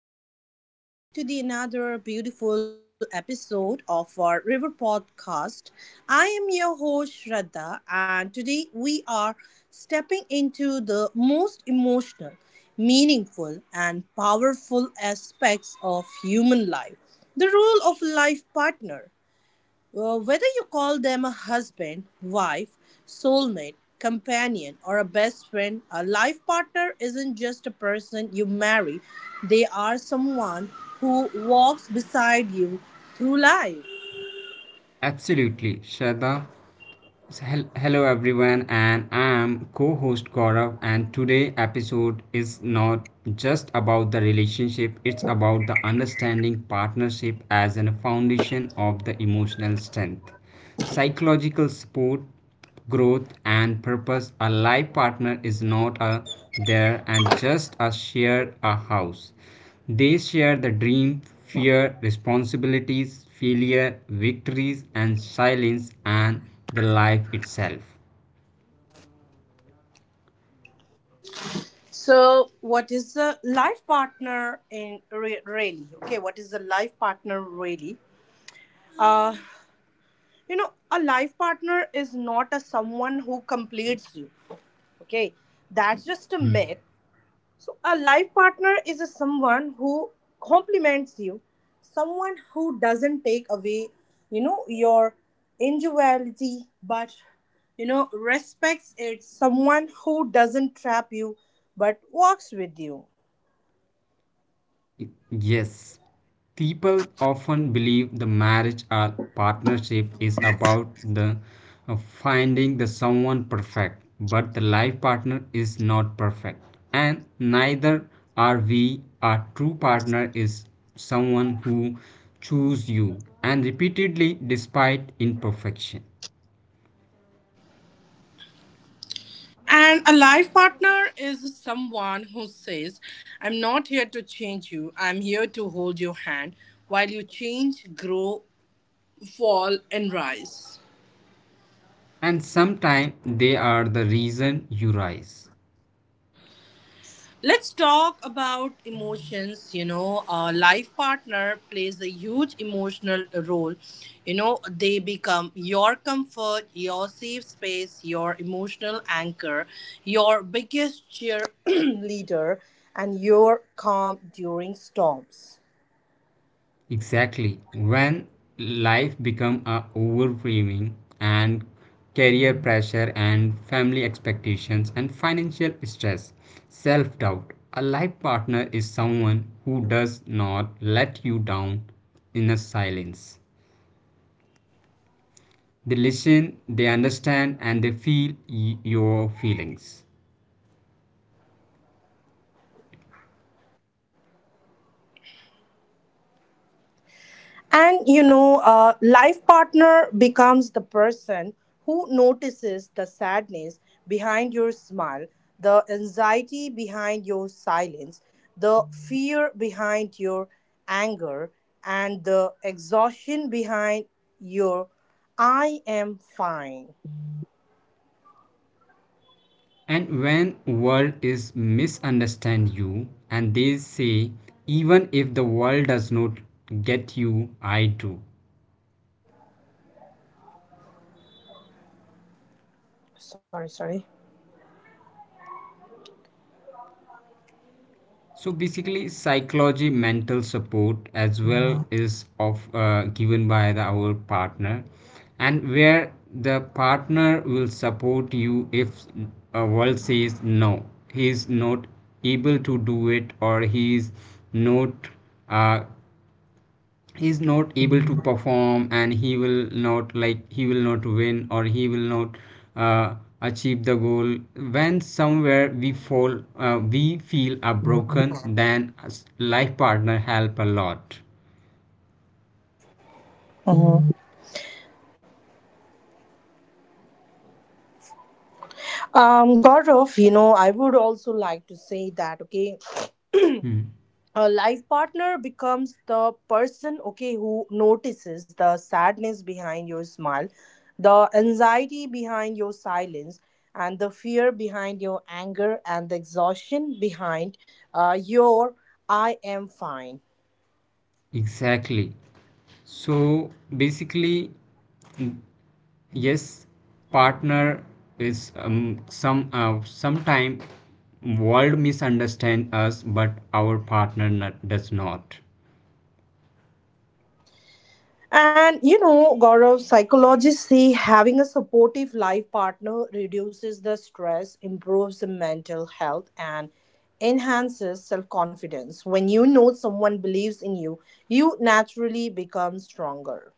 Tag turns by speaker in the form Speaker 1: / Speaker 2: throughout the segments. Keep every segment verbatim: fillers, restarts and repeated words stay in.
Speaker 1: Hello and welcome back to the another beautiful episode of our River Podcast. I am your host Shraddha and today we are stepping into the most emotional, meaningful and powerful aspects of human life, the role of life partner. Well, whether you call them a husband, wife, soulmate, companion, or a best friend, a life partner isn't just a person you marry, they are someone who walks beside you through life.
Speaker 2: Absolutely, Shraddha. S- hel- Hello everyone, and I am co-host Gaurav. And today episode is not just about the relationship; it's about the understanding partnership as a foundation of the emotional strength, psychological support, growth and purpose. A life partner is not a there and just a shared a house. They share the dream, fear, responsibilities, failure, victories, and silence, and the life itself.
Speaker 1: So, what is a life partner in re- really? Okay, what is a life partner really? Uh, you know, a life partner is not a someone who completes you. Okay, that's just a myth. So, a life partner is a someone who complements you, someone who doesn't take away, you know, your individuality, but you know, respects it. Someone who doesn't trap you, but walks with you.
Speaker 2: Yes, people often believe the marriage or partnership is about the uh, finding the someone perfect, but the life partner is not perfect, and neither are we. Our true partner is someone who choose you and repeatedly despite imperfection,
Speaker 1: And a life partner is someone who says, I'm not here to change you, I'm here to hold your hand while you change, grow, fall, and rise.
Speaker 2: and sometimes they are the reason you rise.
Speaker 1: Let's talk about emotions. You know, a life partner plays a huge emotional role. You know, they become your comfort, your safe space, your emotional anchor, your biggest cheerleader, and your calm during storms.
Speaker 2: Exactly. When life become a overwhelming and career pressure and family expectations and financial stress, self-doubt, a life partner is someone who does not let you down in a silence. They listen, they understand and they feel y- your feelings.
Speaker 1: And you know, a life partner becomes the person who notices the sadness behind your smile, the anxiety behind your silence, the fear behind your anger, and the exhaustion behind your I am fine.
Speaker 2: And when world is misunderstand you and they say even if the world does not get you, I do.
Speaker 1: Sorry, sorry.
Speaker 2: So basically, psychology, mental support as well is of uh, given by the, our partner, and where the partner will support you if a world says no, he is not able to do it or he is not uh, he's not able to perform and he will not like he will not win or he will not uh, achieve the goal when somewhere we fall uh, we feel are broken, then a s- life partner help a lot.
Speaker 1: Mhm. Um, Gaurav, you know, I would also like to say that, okay,
Speaker 2: Hmm.
Speaker 1: a life partner becomes the person, okay, who notices the sadness behind your smile, the anxiety behind your silence, and the fear behind your anger, and the exhaustion behind uh, your I am fine.
Speaker 2: Exactly. So basically, mm, yes, partner is um, some uh, sometime world misunderstand us, but our partner not, does not.
Speaker 1: And you know, Gaurav, psychologists say having a supportive life partner reduces the stress, improves the mental health, and enhances self confidence. When you know someone believes in you, you naturally become stronger.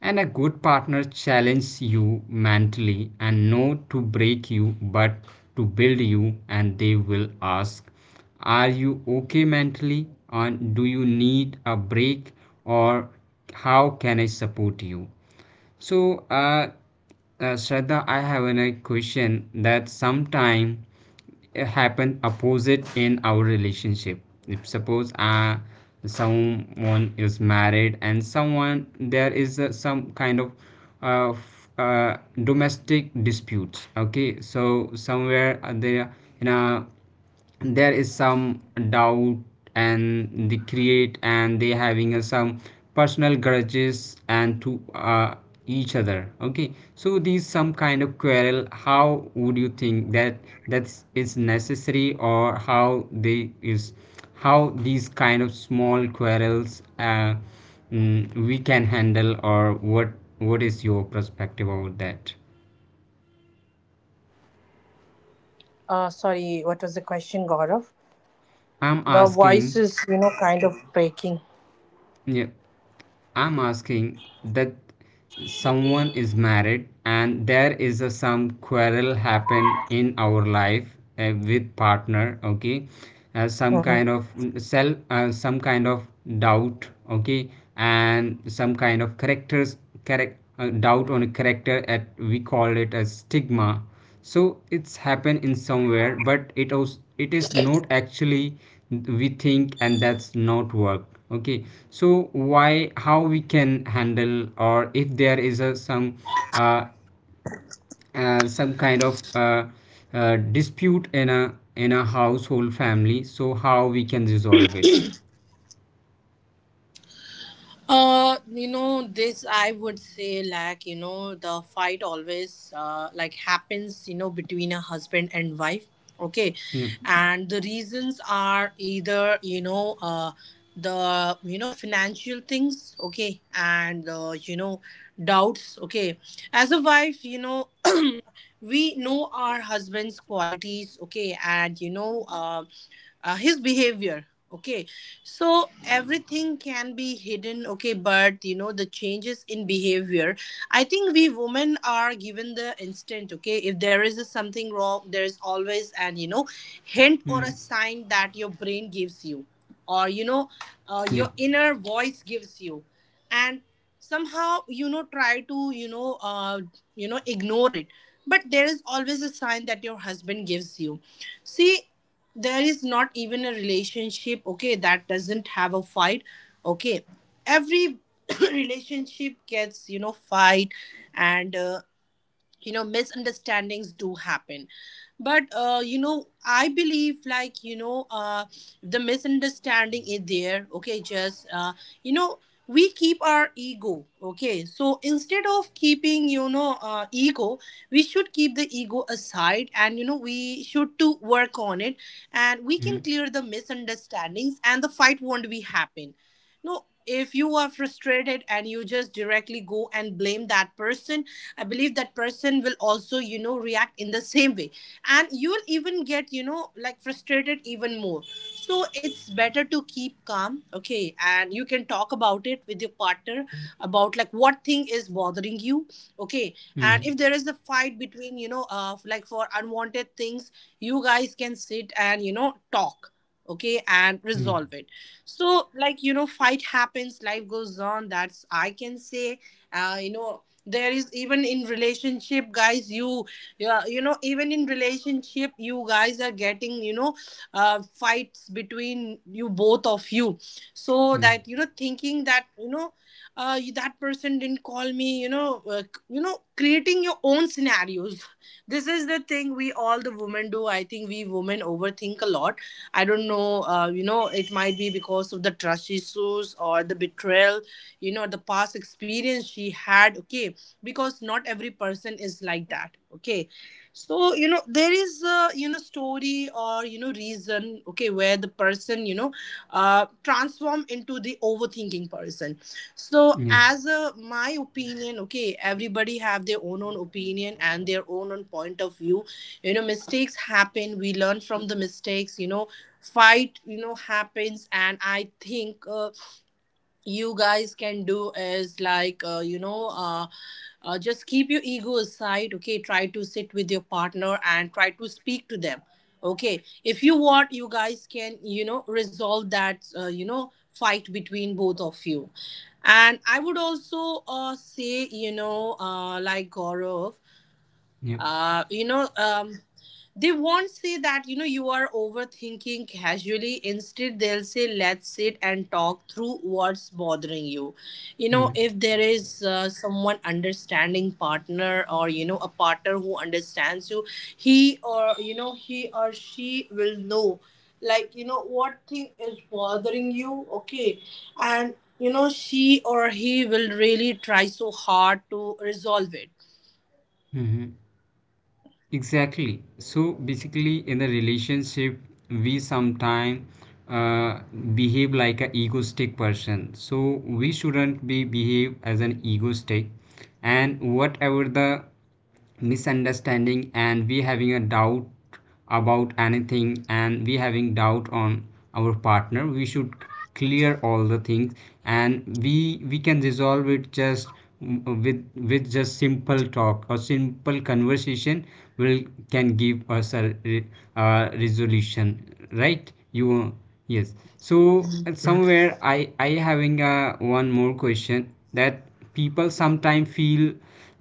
Speaker 2: And a good partner challenges you mentally and not to break you but to build you, and they will ask, are you okay mentally, and do you need a break, or how can I support you? So, uh, uh, Shraddha, I have a question that sometime happen opposite in our relationship. If suppose uh, someone is married and someone there is uh, some kind of uh, f- uh, domestic disputes. Okay, so somewhere uh, they are in a there is some doubt, and they create and they having a some personal grudges and to uh, each other. Okay, so these some kind of quarrel, how would you think that that's is necessary, or how they is, how these kind of small quarrels uh, mm, we can handle, or what what is your perspective about that?
Speaker 1: Uh, sorry, what was the question, Gaurav?
Speaker 2: I'm
Speaker 1: The voice
Speaker 2: asking.
Speaker 1: is, you know, kind of breaking.
Speaker 2: Yeah, I'm asking that someone is married and there is a, some quarrel happen in our life uh, with partner. Okay, uh, some kind of self uh, some kind of doubt. Okay, and some kind of characters, correct, uh, doubt on a character at we call it as stigma. So it's happened in somewhere, but it also it is not actually we think, and that's not work. Okay, so why, how we can handle, or if there is a some uh, uh, some kind of uh, uh, dispute in a in a household family, so how we can resolve it?
Speaker 1: Uh, you know, this I would say, like, you know, the fight always uh, like happens, you know, between a husband and wife. Okay.
Speaker 2: Yep.
Speaker 1: And the reasons are either, you know, uh, the, you know, financial things. Okay. And, uh, you know, doubts. Okay. As a wife, you know, we know our husband's qualities. Okay. And, you know, uh, uh, his behavior. Okay, so everything can be hidden. Okay, but you know the changes in behavior, I think we women are given the instant. Okay, if there is a something wrong, there is always an you know hint or a
Speaker 2: Mm.
Speaker 1: sign that your brain gives you, or you know uh, your
Speaker 2: Yep.
Speaker 1: inner voice gives you, and somehow you know try to you know uh, you know ignore it, but there is always a sign that your husband gives you. See, there is not even a relationship, okay, that doesn't have a fight. Okay, every relationship gets you know fight, and uh, you know misunderstandings do happen. But uh, you know I believe, like, you know uh, the misunderstanding is there, okay, just uh, you know we keep our ego. Okay, so instead of keeping you know uh, ego, we should keep the ego aside, and you know we should to work on it, and we can
Speaker 2: Mm.
Speaker 1: clear the misunderstandings and the fight won't be happen. No, if you are frustrated and you just directly go and blame that person, I believe that person will also you know react in the same way, and you will even get you know like frustrated even more. So it's better to keep calm, okay, and you can talk about it with your partner about, like, what thing is bothering you. Okay, and
Speaker 2: Mm.
Speaker 1: if there is a fight between you know uh, like for unwanted things, you guys can sit and you know talk, okay, and resolve it. So, like, you know fight happens, life goes on, that's I can say. uh, you know there is even in relationship guys you, yeah, you know even in relationship you guys are getting you know uh, fights between you, both of you. So
Speaker 2: Yep. Yep.
Speaker 1: that you know thinking that you know uh, you- that person didn't call me, you know uh, you know creating your own scenarios. This is the thing we all the women do. I think we women overthink a lot. I don't know, uh, you know it might be because of the trust issues or the betrayal, you know the past experience she had. Okay, because not every person is like that. Okay, so you know there is a you know story or you know reason, okay, where the person you know uh transform into the overthinking person. So
Speaker 2: Yep.
Speaker 1: as a, my opinion, okay, everybody have their own own opinion and their own own point of view. you know mistakes happen, we learn from the mistakes. you know fight you know happens, and I think uh, you guys can do is like uh, you know uh, uh, just keep your ego aside. Okay, try to sit with your partner and try to speak to them. Okay, if you want, you guys can you know resolve that uh, you know fight between both of you. And I would also uh, say, you know uh, like, Gaurav,
Speaker 2: Yep.
Speaker 1: uh, you know um, they won't say that you know you are overthinking casually, instead they'll say, let's sit and talk through what's bothering you. You know
Speaker 2: Mm.
Speaker 1: if there is uh, someone understanding partner or you know a partner who understands you, he or you know he or she will know, like, you know what thing is bothering you. Okay, and you know she or he will really try so hard to resolve it.
Speaker 2: Mm-hmm. Exactly. So basically, in a relationship, we sometimes uh, behave like an egoistic person. So we shouldn't be behave as an egoistic. And whatever the misunderstanding and we having a doubt about anything and we having doubt on our partner, we should clear all the things, and we we can resolve it just mm, with with just simple talk or simple conversation will can give us a re- uh, resolution, right? You? Yes. So somewhere i i having a one more question, that people sometimes feel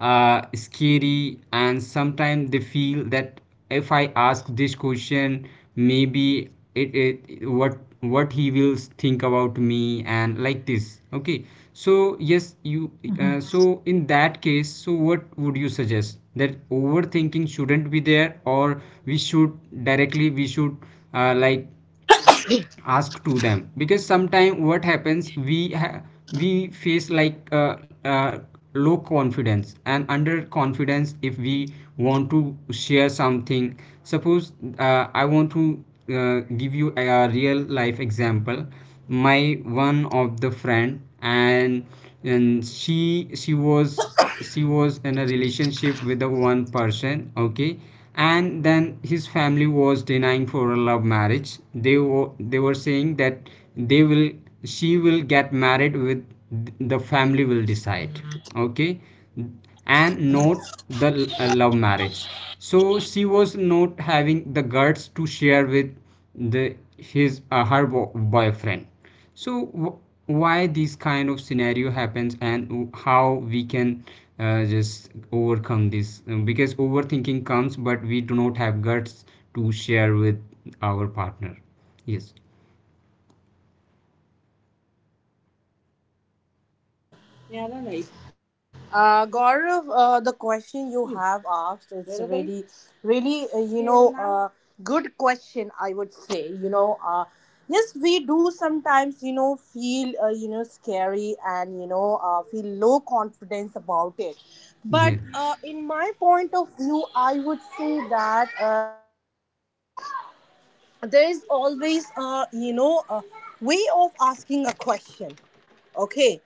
Speaker 2: uh, scary, and sometimes they feel that if I ask this question, maybe it, it what what he will think about me, and like this. Okay, so yes. You, uh, so in that case, so what would you suggest, that overthinking shouldn't be there, or we should directly we should uh, like ask to them, because sometimes what happens, we ha- we face like uh, uh, low confidence and under confidence if we want to share something. Suppose uh, I want to uh, give you a, a real life example. My one of the friend, and and she she was she was in a relationship with the one person. Okay, and then his family was denying for a love marriage, they were they were saying that they will she will get married with, the family will decide. Okay, and not the uh, love marriage. So she was not having the guts to share with the his uh, her boyfriend. So wh- why this kind of scenario happens, and w- how we can uh, just overcome this? Um, because overthinking comes, but we do not have guts to share with our partner. Yes,
Speaker 1: Oh, yeah, no, right. Uh, Gaurav, uh, the question you have asked is really, really, uh, you know, uh, good question. I would say, you know, uh, yes, we do sometimes, you know, feel uh, you know, scary and you know, uh, feel low confidence about it. But
Speaker 2: yes,
Speaker 1: uh, in my point of view, I would say that, uh, you know, uh, there is always, uh, you know, a way of asking a question. Okay.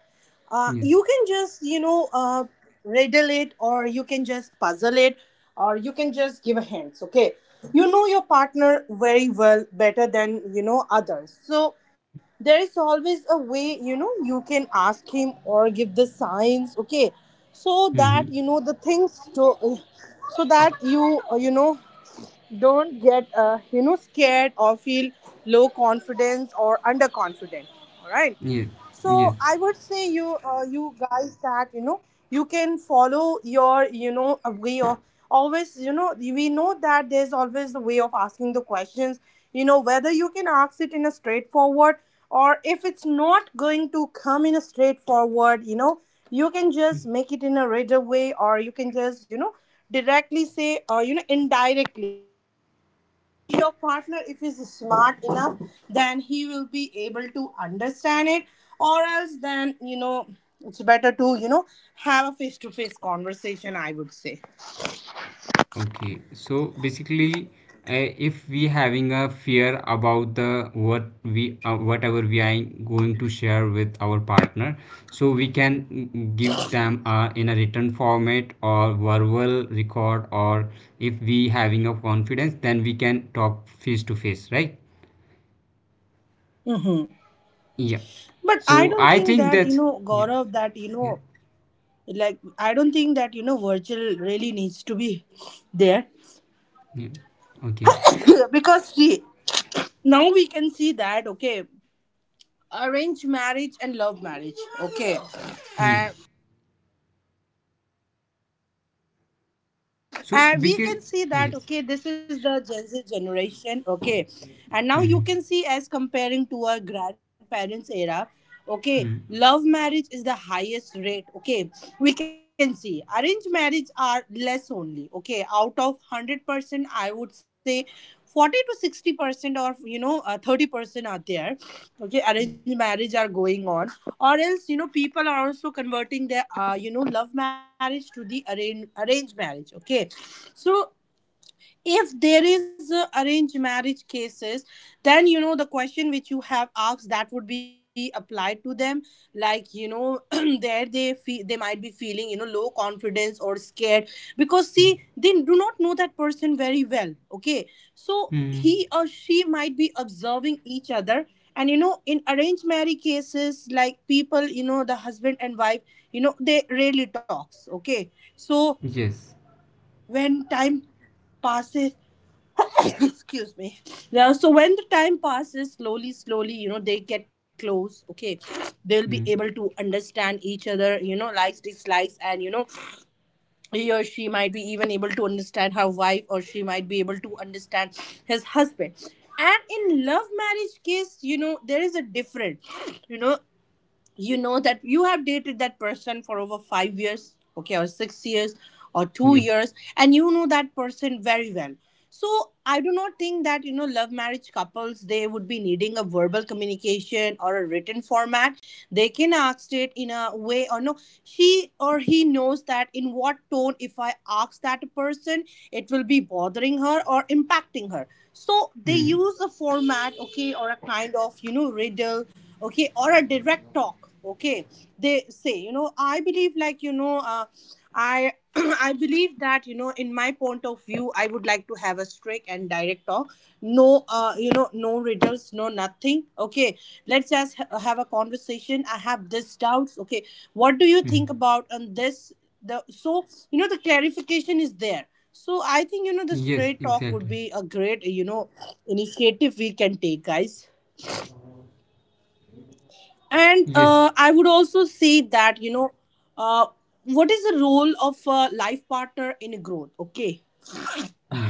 Speaker 1: Uh,
Speaker 2: yes.
Speaker 1: you can just, you know, uh, riddle it or you can just puzzle it, or you can just give a hints. Okay. You know your partner very well, better than, you know, others. So there is always a way, you know, you can ask him or give the signs. Okay. So
Speaker 2: Mm-hmm.
Speaker 1: that, you know, the things to, so that you, uh, you know, don't get uh, you know scared or feel low confidence or underconfident. All right,
Speaker 2: Yes,
Speaker 1: so
Speaker 2: yes.
Speaker 1: I would say you, uh, you guys, that you know you can follow your, you know a way of always. you know we know that there's always a way of asking the questions. you know whether you can ask it in a straightforward, or if it's not going to come in a straightforward, you know you can just make it in a regular way or you can just you know directly say or you know indirectly. So maybe your partner, if he's smart enough, then he will be able to understand it, or else then you know it's better to you know have a face-to-face conversation, I would say.
Speaker 2: Okay, so basically, uh, if we having a fear about the what we uh, whatever we are going to share with our partner, so we can mm, give them uh, in a written format or verbal record, or if we having a confidence, then we can talk face to face, right?
Speaker 1: Mhm.
Speaker 2: Yeah,
Speaker 1: But I
Speaker 2: so
Speaker 1: don't
Speaker 2: I
Speaker 1: think
Speaker 2: think
Speaker 1: that you
Speaker 2: that's,
Speaker 1: know
Speaker 2: yeah,
Speaker 1: Gaurav, that you
Speaker 2: yeah,
Speaker 1: know like I don't think that you know virtual really needs to be there.
Speaker 2: yeah. Okay.
Speaker 1: Because see, now we can see that, okay, arranged marriage and love marriage. Okay,
Speaker 2: Hmm.
Speaker 1: and
Speaker 2: So
Speaker 1: and we
Speaker 2: because,
Speaker 1: can see
Speaker 2: yes.
Speaker 1: that, okay, this is the Gen Z generation. Okay, and now
Speaker 2: Hmm.
Speaker 1: you can see as comparing to our grandparents era. Okay,
Speaker 2: Hmm.
Speaker 1: love marriage is the highest rate. Okay, we can see arranged marriage are less only. Okay, out of one hundred percent I would say forty to sixty percent or you know uh, thirty percent are there. Okay, arranged marriage are going on, or else you know people are also converting their uh, you know love marriage to the arrange arranged marriage. Okay, so if there is a arranged marriage cases, then you know the question which you have asked that would be applied to them, like you know there they feel, they might be feeling you know low confidence or scared, because see,
Speaker 2: Hmm.
Speaker 1: they do not know that person very well. Okay, so he
Speaker 2: Hmm.
Speaker 1: or she might be observing each other, and you know in arranged marriage cases, like people, you know the husband and wife, you know they rarely talks. Okay, so
Speaker 2: Yes.
Speaker 1: when time passes, excuse me, now so when the time passes slowly slowly you know they get close. Okay, they'll be
Speaker 2: Mm.
Speaker 1: able to understand each other, you know likes dislikes, and you know he or she might be even able to understand her wife or she might be able to understand his husband. And in love marriage case, you know there is a different you know you know that you have dated that person for over five years, okay, or six years or two
Speaker 2: Yep.
Speaker 1: years, and you know that person very well. So I do not think that you know love marriage couples they would be needing a verbal communication or a written format. They can ask it in a way or no. She or he knows that in what tone if I ask that person, it will be bothering her or impacting her. So they
Speaker 2: Mm.
Speaker 1: use a format, okay, or a kind of you know riddle, okay, or a direct talk, okay. They say, you know I believe, like, you know uh, I I believe that, you know in my point of view, I would like to have a straight and direct talk. No, uh, you know no riddles, no nothing, okay. Let's just ha- have a conversation. I have this doubts, okay. What do you
Speaker 2: Mm.
Speaker 1: think about on this? The So, you know the clarification is there. So I think you know the
Speaker 2: Yes,
Speaker 1: straight talk would
Speaker 2: exactly.
Speaker 1: be a great, you know initiative we can take, guys. And
Speaker 2: Yes.
Speaker 1: uh, I would also say that, you know, uh, what is the role of a life partner in growth? Okay.
Speaker 2: Yeah.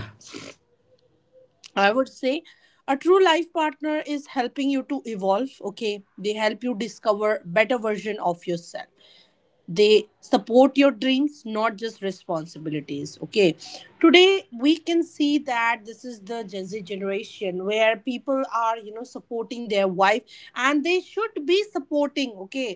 Speaker 1: I would say a true life partner is helping you to evolve. Okay. They help you discover better version of yourself. They support your dreams, not just responsibilities, okay. Today we can see that this is the Gen Z generation where people are you know supporting their wife, and they should be supporting, okay.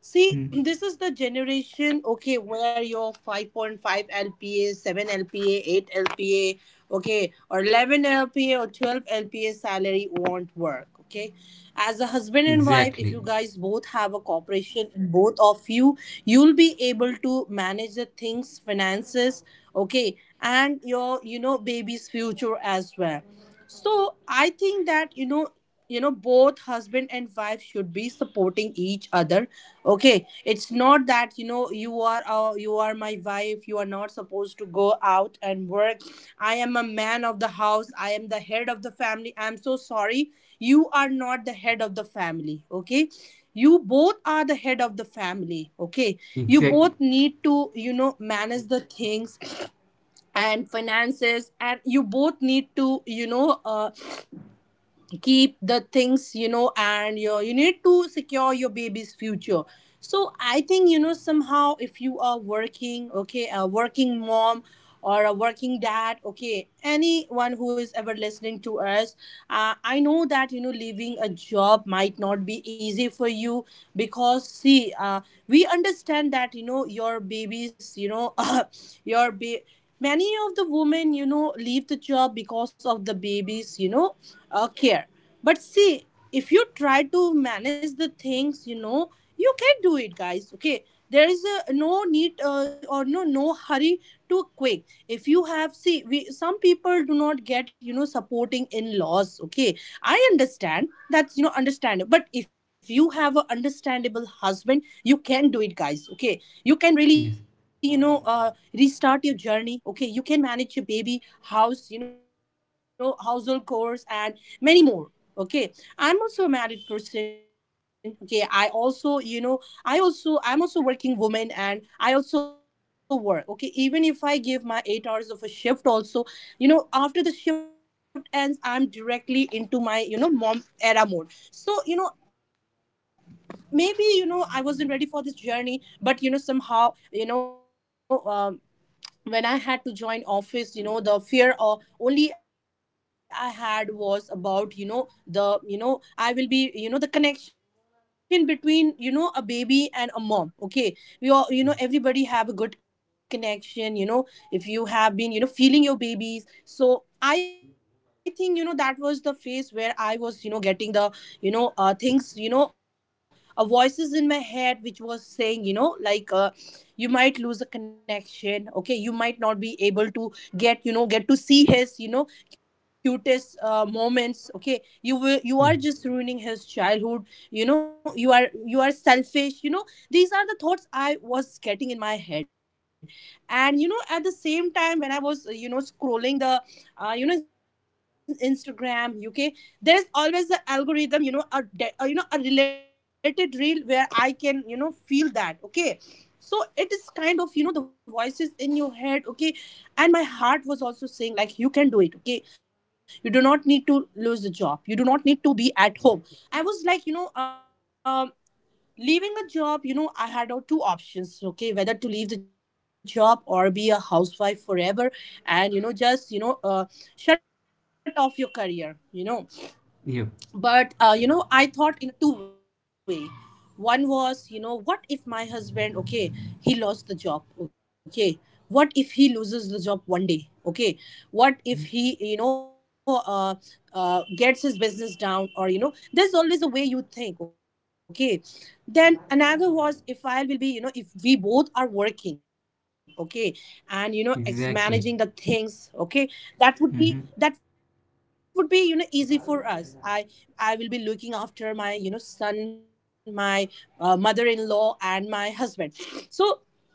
Speaker 1: See,
Speaker 2: Mm.
Speaker 1: this is the generation, okay, where your five point five LPA, seven LPA, eight LPA, okay, or eleven LPA or twelve LPA salary won't work, okay. As a husband and wife,
Speaker 2: Exactly.
Speaker 1: if you guys both have a corporation, both of you you'll be able to manage the things, finances, okay, and your you know baby's future as well. So I think that, you know, you know, both husband and wife should be supporting each other. Okay, it's not that you know you are uh, you are my wife. You are not supposed to go out and work. I am a man of the house. I am the head of the family. I'm so sorry. You are not the head of the family. Okay. You both are the head of the family, okay? You
Speaker 2: Exactly.
Speaker 1: both need to, you know, manage the things and finances, and you both need to, you know, uh, keep the things, you know and you you need to secure your baby's future. So I think, you know somehow, if you are working, okay, a working mom or a working dad, okay, anyone who is ever listening to us, uh, I know that you know leaving a job might not be easy for you, because see, uh, we understand that you know your babies, you know your ba- many of the women you know leave the job because of the babies, you know uh, care. But see, if you try to manage the things, you know you can do it, guys, okay. There is a, no need, uh, or no no hurry to quick. If you have See, we some people do not not get, you know supporting in laws okay. I understand that's, you know understandable, but if you have an understandable husband, you can do it, guys, okay. You
Speaker 2: Yes.
Speaker 1: can really, you know uh, restart your journey, okay, you can manage your baby, house, you know household chores, and many more, okay. I'm also a married person, okay, i also you know i also I'm also working woman, and I also work, okay. Even if I give my eight hours of a shift also, you know after the shift ends, I'm directly into my, you know mom era mode. So, you know maybe, you know I wasn't ready for this journey, but you know somehow, you know um, when I had to join office, you know the fear or only I had was about, you know the, you know I will be, you know the connection between, you know a baby and a mom, okay. we all you know everybody have a good connection, you know if you have been, you know feeling your babies. So I think you know that was the phase where I was, you know getting the, you know uh, things, you know uh, voices in my head which was saying, you know like, uh, you might lose a connection, okay, you might not be able to get, you know get to see his, you know cutest, uh, moments, okay, you will
Speaker 2: Mm.
Speaker 1: you are just ruining his childhood, you know you are you are selfish, you know these are the thoughts I was getting in my head head. And, you know at the same time when I was, uh, you know scrolling the, uh, you know Instagram, uk, there's always the algorithm, you know a, de- uh, you know a related reel where I can, you know feel that, okay. So it is kind of, you know the voices in your head, okay, and my heart was also saying, like, you can do it, okay, you do not need to lose the job, you do not need to be at home. I was like, you know um leaving a job, you know I had, uh, two options, okay, whether to leave the job or be a housewife forever, and, you know just, you know uh, shut off your career, you know
Speaker 2: Yep.
Speaker 1: but, uh, you know I thought in a two way. One was, you know what if my husband, okay, he lost the job, okay, what if he loses the job one day, okay,
Speaker 2: Mm.
Speaker 1: what if he, you know uh, uh, gets his business down, or, you know there's always a way you think, okay. Then another was, if I will be you know if we both are working, okay, and, you know ex-
Speaker 2: Exactly.
Speaker 1: managing the things, okay, that
Speaker 2: Mm-hmm.
Speaker 1: would be that would be, you know easy for us. i I will be looking after my, you know son, my, uh, mother-in-law, and my husband. So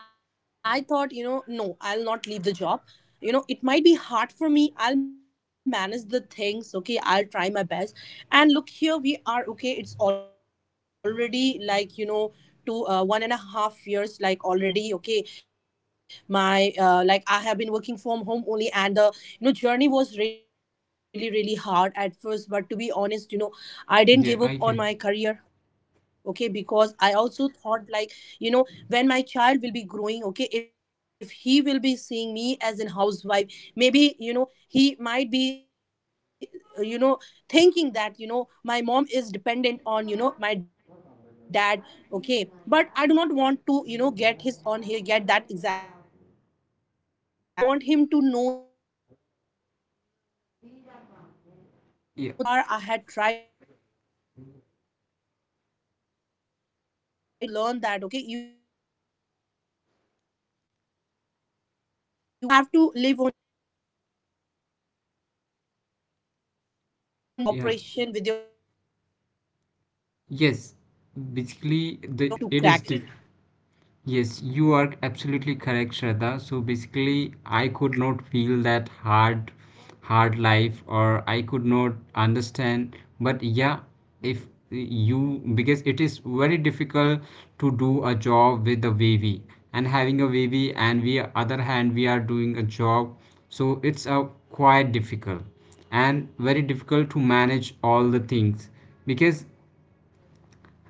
Speaker 1: there, I thought, you know no, I'll not leave the job, you know it might be hard for me, I'll manage the things, okay, I'll try my best. And look, here we are, okay, it's already like, you know to, uh, one and a half years, like, already, okay. My, uh, like, I have been working from home only, and the, you know journey was really, really hard at first. But to be honest, you know I didn't give up
Speaker 2: Yeah,
Speaker 1: on
Speaker 2: I
Speaker 1: my career
Speaker 2: can.
Speaker 1: career okay. Because I also thought, like, you know when my child will be growing, okay, if he will be seeing me as an housewife, maybe, you know he might be, uh, you know thinking that, you know my mom is dependent on, you know my dad, okay. But I do not want to, you know get his on here get that example on his head. I want him to see me struggle. I want him to know that, you know how far I
Speaker 2: Yeah.
Speaker 1: have came, okay, and how far I had tried. I never gave up on my dreams, so that I also want him to learn that, okay, you are you do not need to give up on your dreams, okay. You have to live on your terms, okay. You cannot
Speaker 2: Yeah.
Speaker 1: control, okay, if you have a cooperation with your
Speaker 2: Yes.
Speaker 1: family or in-laws.
Speaker 2: Basically, the
Speaker 1: Uh,
Speaker 2: it is
Speaker 1: trust me,
Speaker 2: diff.
Speaker 1: guys, you'll be able
Speaker 2: Yes,
Speaker 1: to
Speaker 2: you are
Speaker 1: crack it.
Speaker 2: absolutely correct, Shraddha. So basically, I could not feel that hard, hard life, or I could not understand. But yeah, if you, because it is very difficult to do a job with a wavy and having a wavy, and we, other hand, we are doing a job. So it's a quite difficult and very difficult to manage all the things, because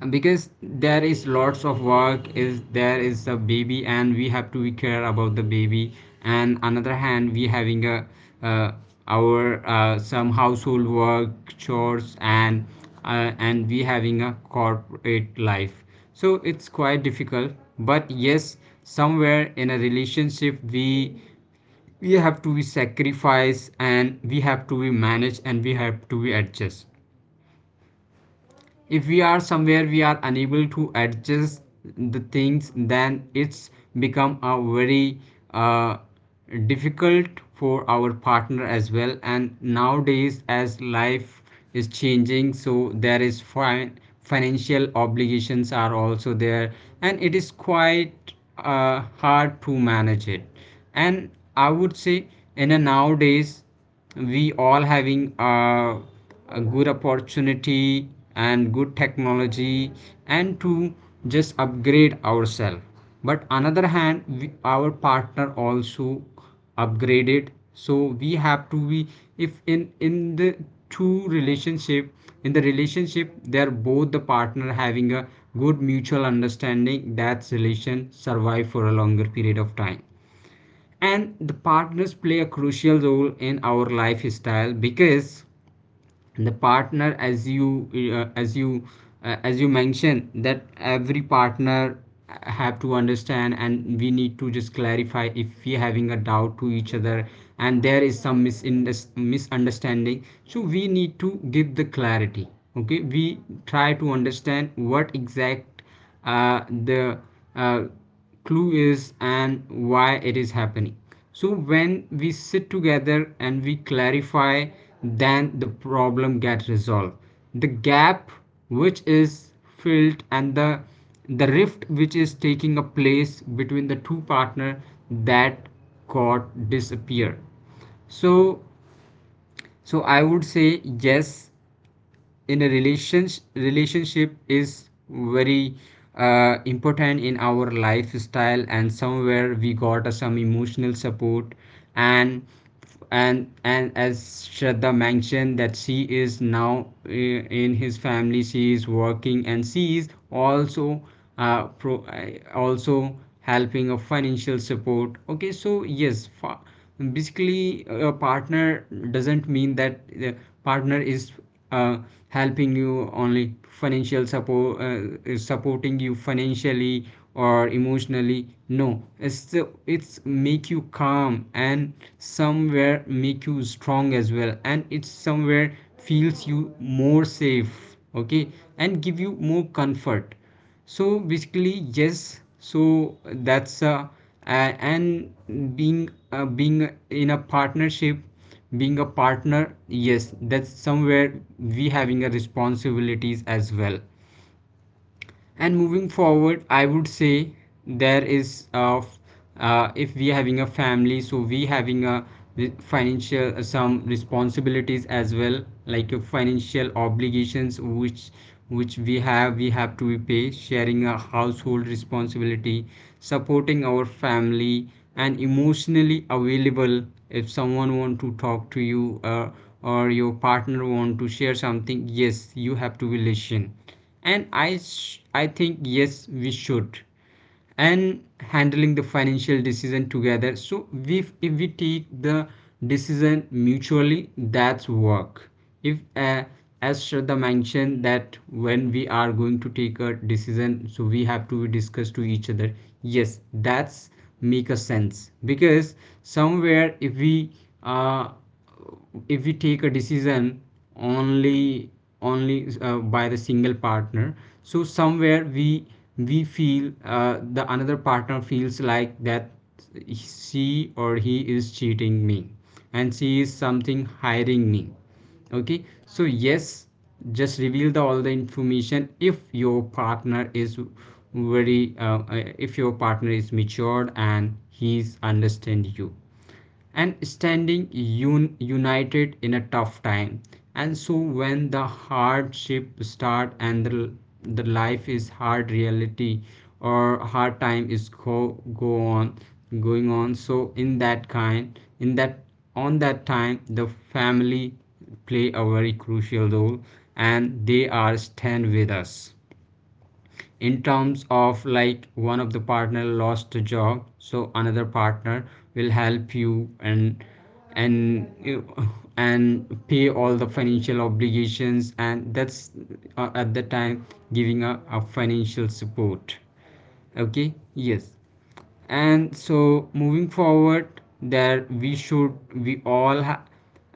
Speaker 2: because there is lots of work, is there is a baby and we have to be care about the baby, and another hand we having a uh, our uh, some household work chores, and uh, and we having a corporate life, so it's quite difficult. But yes, somewhere in a relationship, we we have to be sacrifice, and we have to be manage, and we have to be adjust. If we are somewhere we are unable to adjust the things, then it's become a very uh, difficult for our partner as well. And nowadays as life is changing, so there is fi- financial obligations are also there, and it is quite uh, hard to manage it. And I would say, in a nowadays, we all having a, a good opportunity and good technology, and to just upgrade ourselves. But another hand we, our partner also upgraded, so we have to be. If in in the two relationship in the relationship they're both, the partner having a good mutual understanding, that relation survive for a longer period of time, and the partners play a crucial role in our lifestyle, because the partner, as you, uh, as you uh, as you mentioned, that every partner have to understand, and we need to just clarify if we having a doubt to each other, and there is some misunderst- misunderstanding, so we need to give the clarity. Okay, we try to understand what exact uh, the uh, clue is and why it is happening. So when we sit together and we clarify, then the problem gets resolved, the gap which is filled, and the the rift which is taking a place between the two partner, that got disappear. So, so I would say, yes, in a relations relationship is very uh, important in our lifestyle, and somewhere we got uh, some emotional support, and and and as Shraddha mentioned that she is now uh, in his family, she is working, and she is also uh, pro, uh, also helping of financial support. Okay, so yes, fa- basically, a partner doesn't mean that the partner is uh, helping you only financial support, uh, is supporting you financially or emotionally. No, it's it's make you calm and somewhere make you strong as well, and it's somewhere feels you more safe, okay, and give you more comfort. So basically, yes, so that's, uh, a- and being, uh, being in a partnership, being a partner, yes, that's somewhere we having a responsibilities as well. And moving forward, I would say, there is uh, f- uh, if we having a family, so we having a re- financial uh, some responsibilities as well, like uh, financial obligations, which which we have we have to pay, sharing a household responsibility, supporting our family, and emotionally available. If someone want to talk to you, uh, or your partner want to share something, yes you have to be listen. And i sh- I think, yes, we should, and handling the financial decision together. So we, if we take the decision mutually, that's work. If uh, as Shraddha mentioned, that when we are going to take a decision, so we have to discuss to each other. Yes, that's make a sense, because somewhere If we uh, if we take a decision only only uh, by the single partner, so somewhere we we feel uh, the another partner feels like that she or he is cheating me, and she is something hiring me. Okay. So yes, just reveal the all the information. If your partner is very uh, uh, if your partner is matured and he's understand you and standing un- united in a tough time. And so when the hardship start and the, the life is hard reality, or hard time is go, go on going on, so in that kind in that, on that time, the family play a very crucial role and they are stand with us. In terms of like, one of the partner lost a job, so another partner will help you, and and you and pay all the financial obligations, and that's uh, at the time giving a, a financial support. Okay, yes. And so moving forward, there we should we all ha-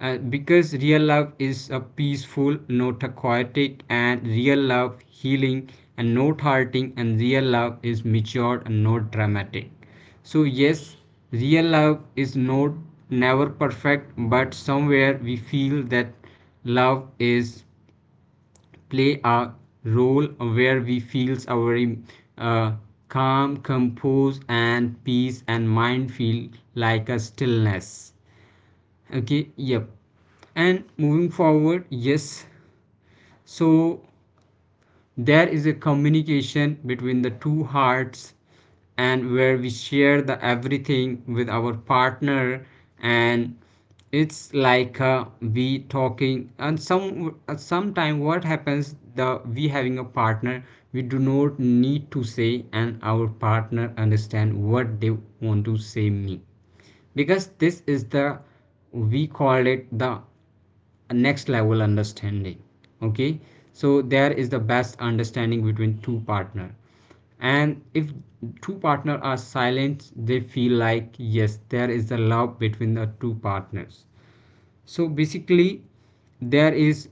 Speaker 2: uh, because real love is a peaceful, not aquatic, and real love healing and not hurting, and real love is matured and not dramatic. So yes, real love is not never perfect, but somewhere we feel that love is play a role where we feels a very uh, calm, compose and peace and mind feel like a stillness. Okay, yep. And moving forward, yes, so there is a communication between the two hearts, and where we share the everything with our partner, and it's like uh, we talking and some uh, sometime what happens, the we having a partner, we do not need to say and our partner understand what they want to say me, because this is the we call it the a next level understanding. Okay. So there is the best understanding between two partner, and if two partner are silent, they feel like yes, there is the love between the two partners. So basically, there is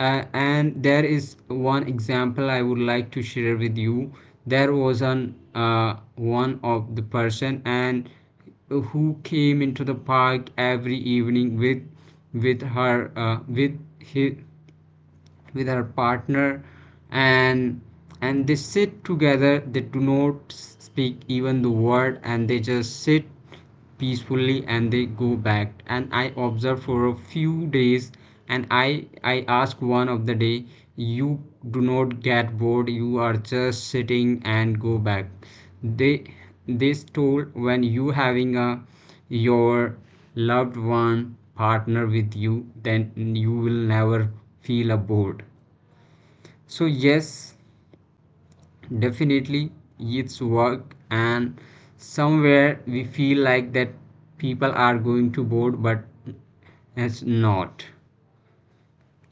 Speaker 2: uh, and there is one example I would like to share with you. There was an uh, one of the person and who came into the park every evening with with her uh, with his with her partner. and and they sit together, they do not speak even the word, and they just sit peacefully and they go back. And I observe for a few days, and i i ask one of the day, you do not get bored, you are just sitting and go back. They they told, when you having a your loved one partner with you, then you will never feel bored. So, yes, definitely it's work, and somewhere we feel like that people are going to bored, but it's not.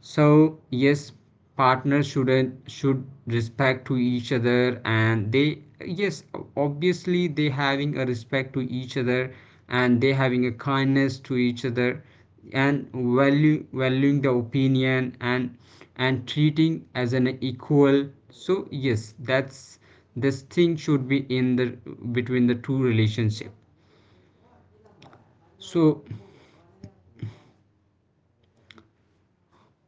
Speaker 2: So yes, partners should should respect to each other, and they, yes, obviously they having a respect to each other, and they having a kindness to each other, and value valuing the opinion and and treating as an equal. So yes, that's this thing should be in the between the two relationship. So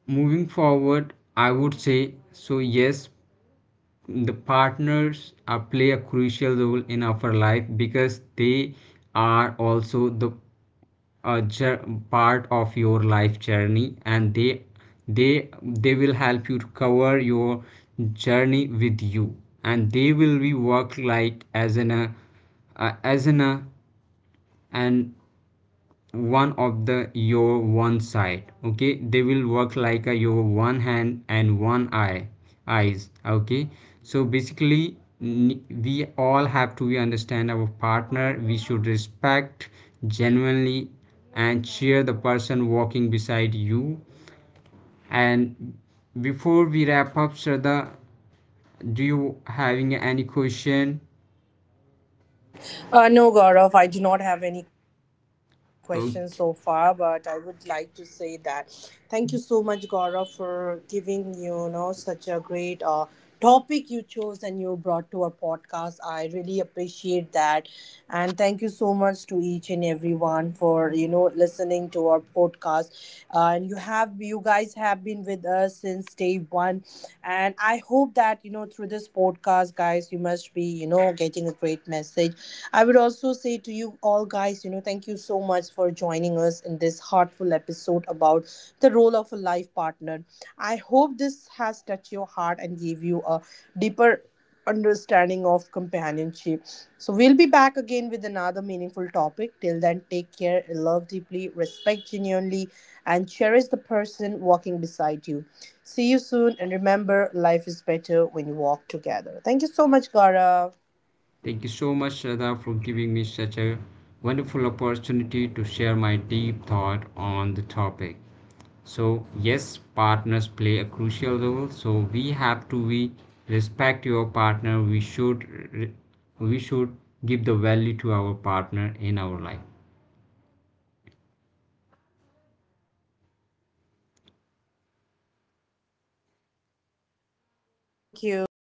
Speaker 2: moving forward, I would say, so yes, the partners uh, play a crucial role in our life, because they are also the uh, jour- part of your life journey, and they they they will help you to cover your journey with you. And they will be work like as in a uh, as in a and one of the your one side. Okay, they will work like a your one hand and one eye eyes. Okay. So basically, we all have to understand our partner, we should respect genuinely and cheer the person walking beside you. And before we wrap up, Shraddha, do you having any question?
Speaker 3: Uh, no, Gaurav, I do not have any questions so far,
Speaker 2: Okay.
Speaker 3: but I would like to say that thank you so much, Gaurav, for giving you know such a great uh, topic you chose and you brought to our podcast. I really appreciate that, and thank you so much to each and everyone for you know listening to our podcast. Uh, and you have you guys have been with us since day one, and I hope that you know through this podcast, guys, you must be you know getting a great message. I would also say to you all guys, you know, thank you so much for joining us in this heartful episode about the role of a life partner. I hope this has touched your heart and gave you a deeper understanding of companionship. So we'll be back again with another meaningful topic. Till then, take care, love deeply, respect genuinely, and cherish the person walking beside you. See you soon, and remember, life is better when you walk together. Thank you so much, Gara.
Speaker 2: Thank you so much, Shraddha, for giving me such a wonderful opportunity to share my deep thought on the topic. So, yes, partners play a crucial role. So, we have to we respect your partner. We should we should give the value to our partner in our life.
Speaker 3: Thank you.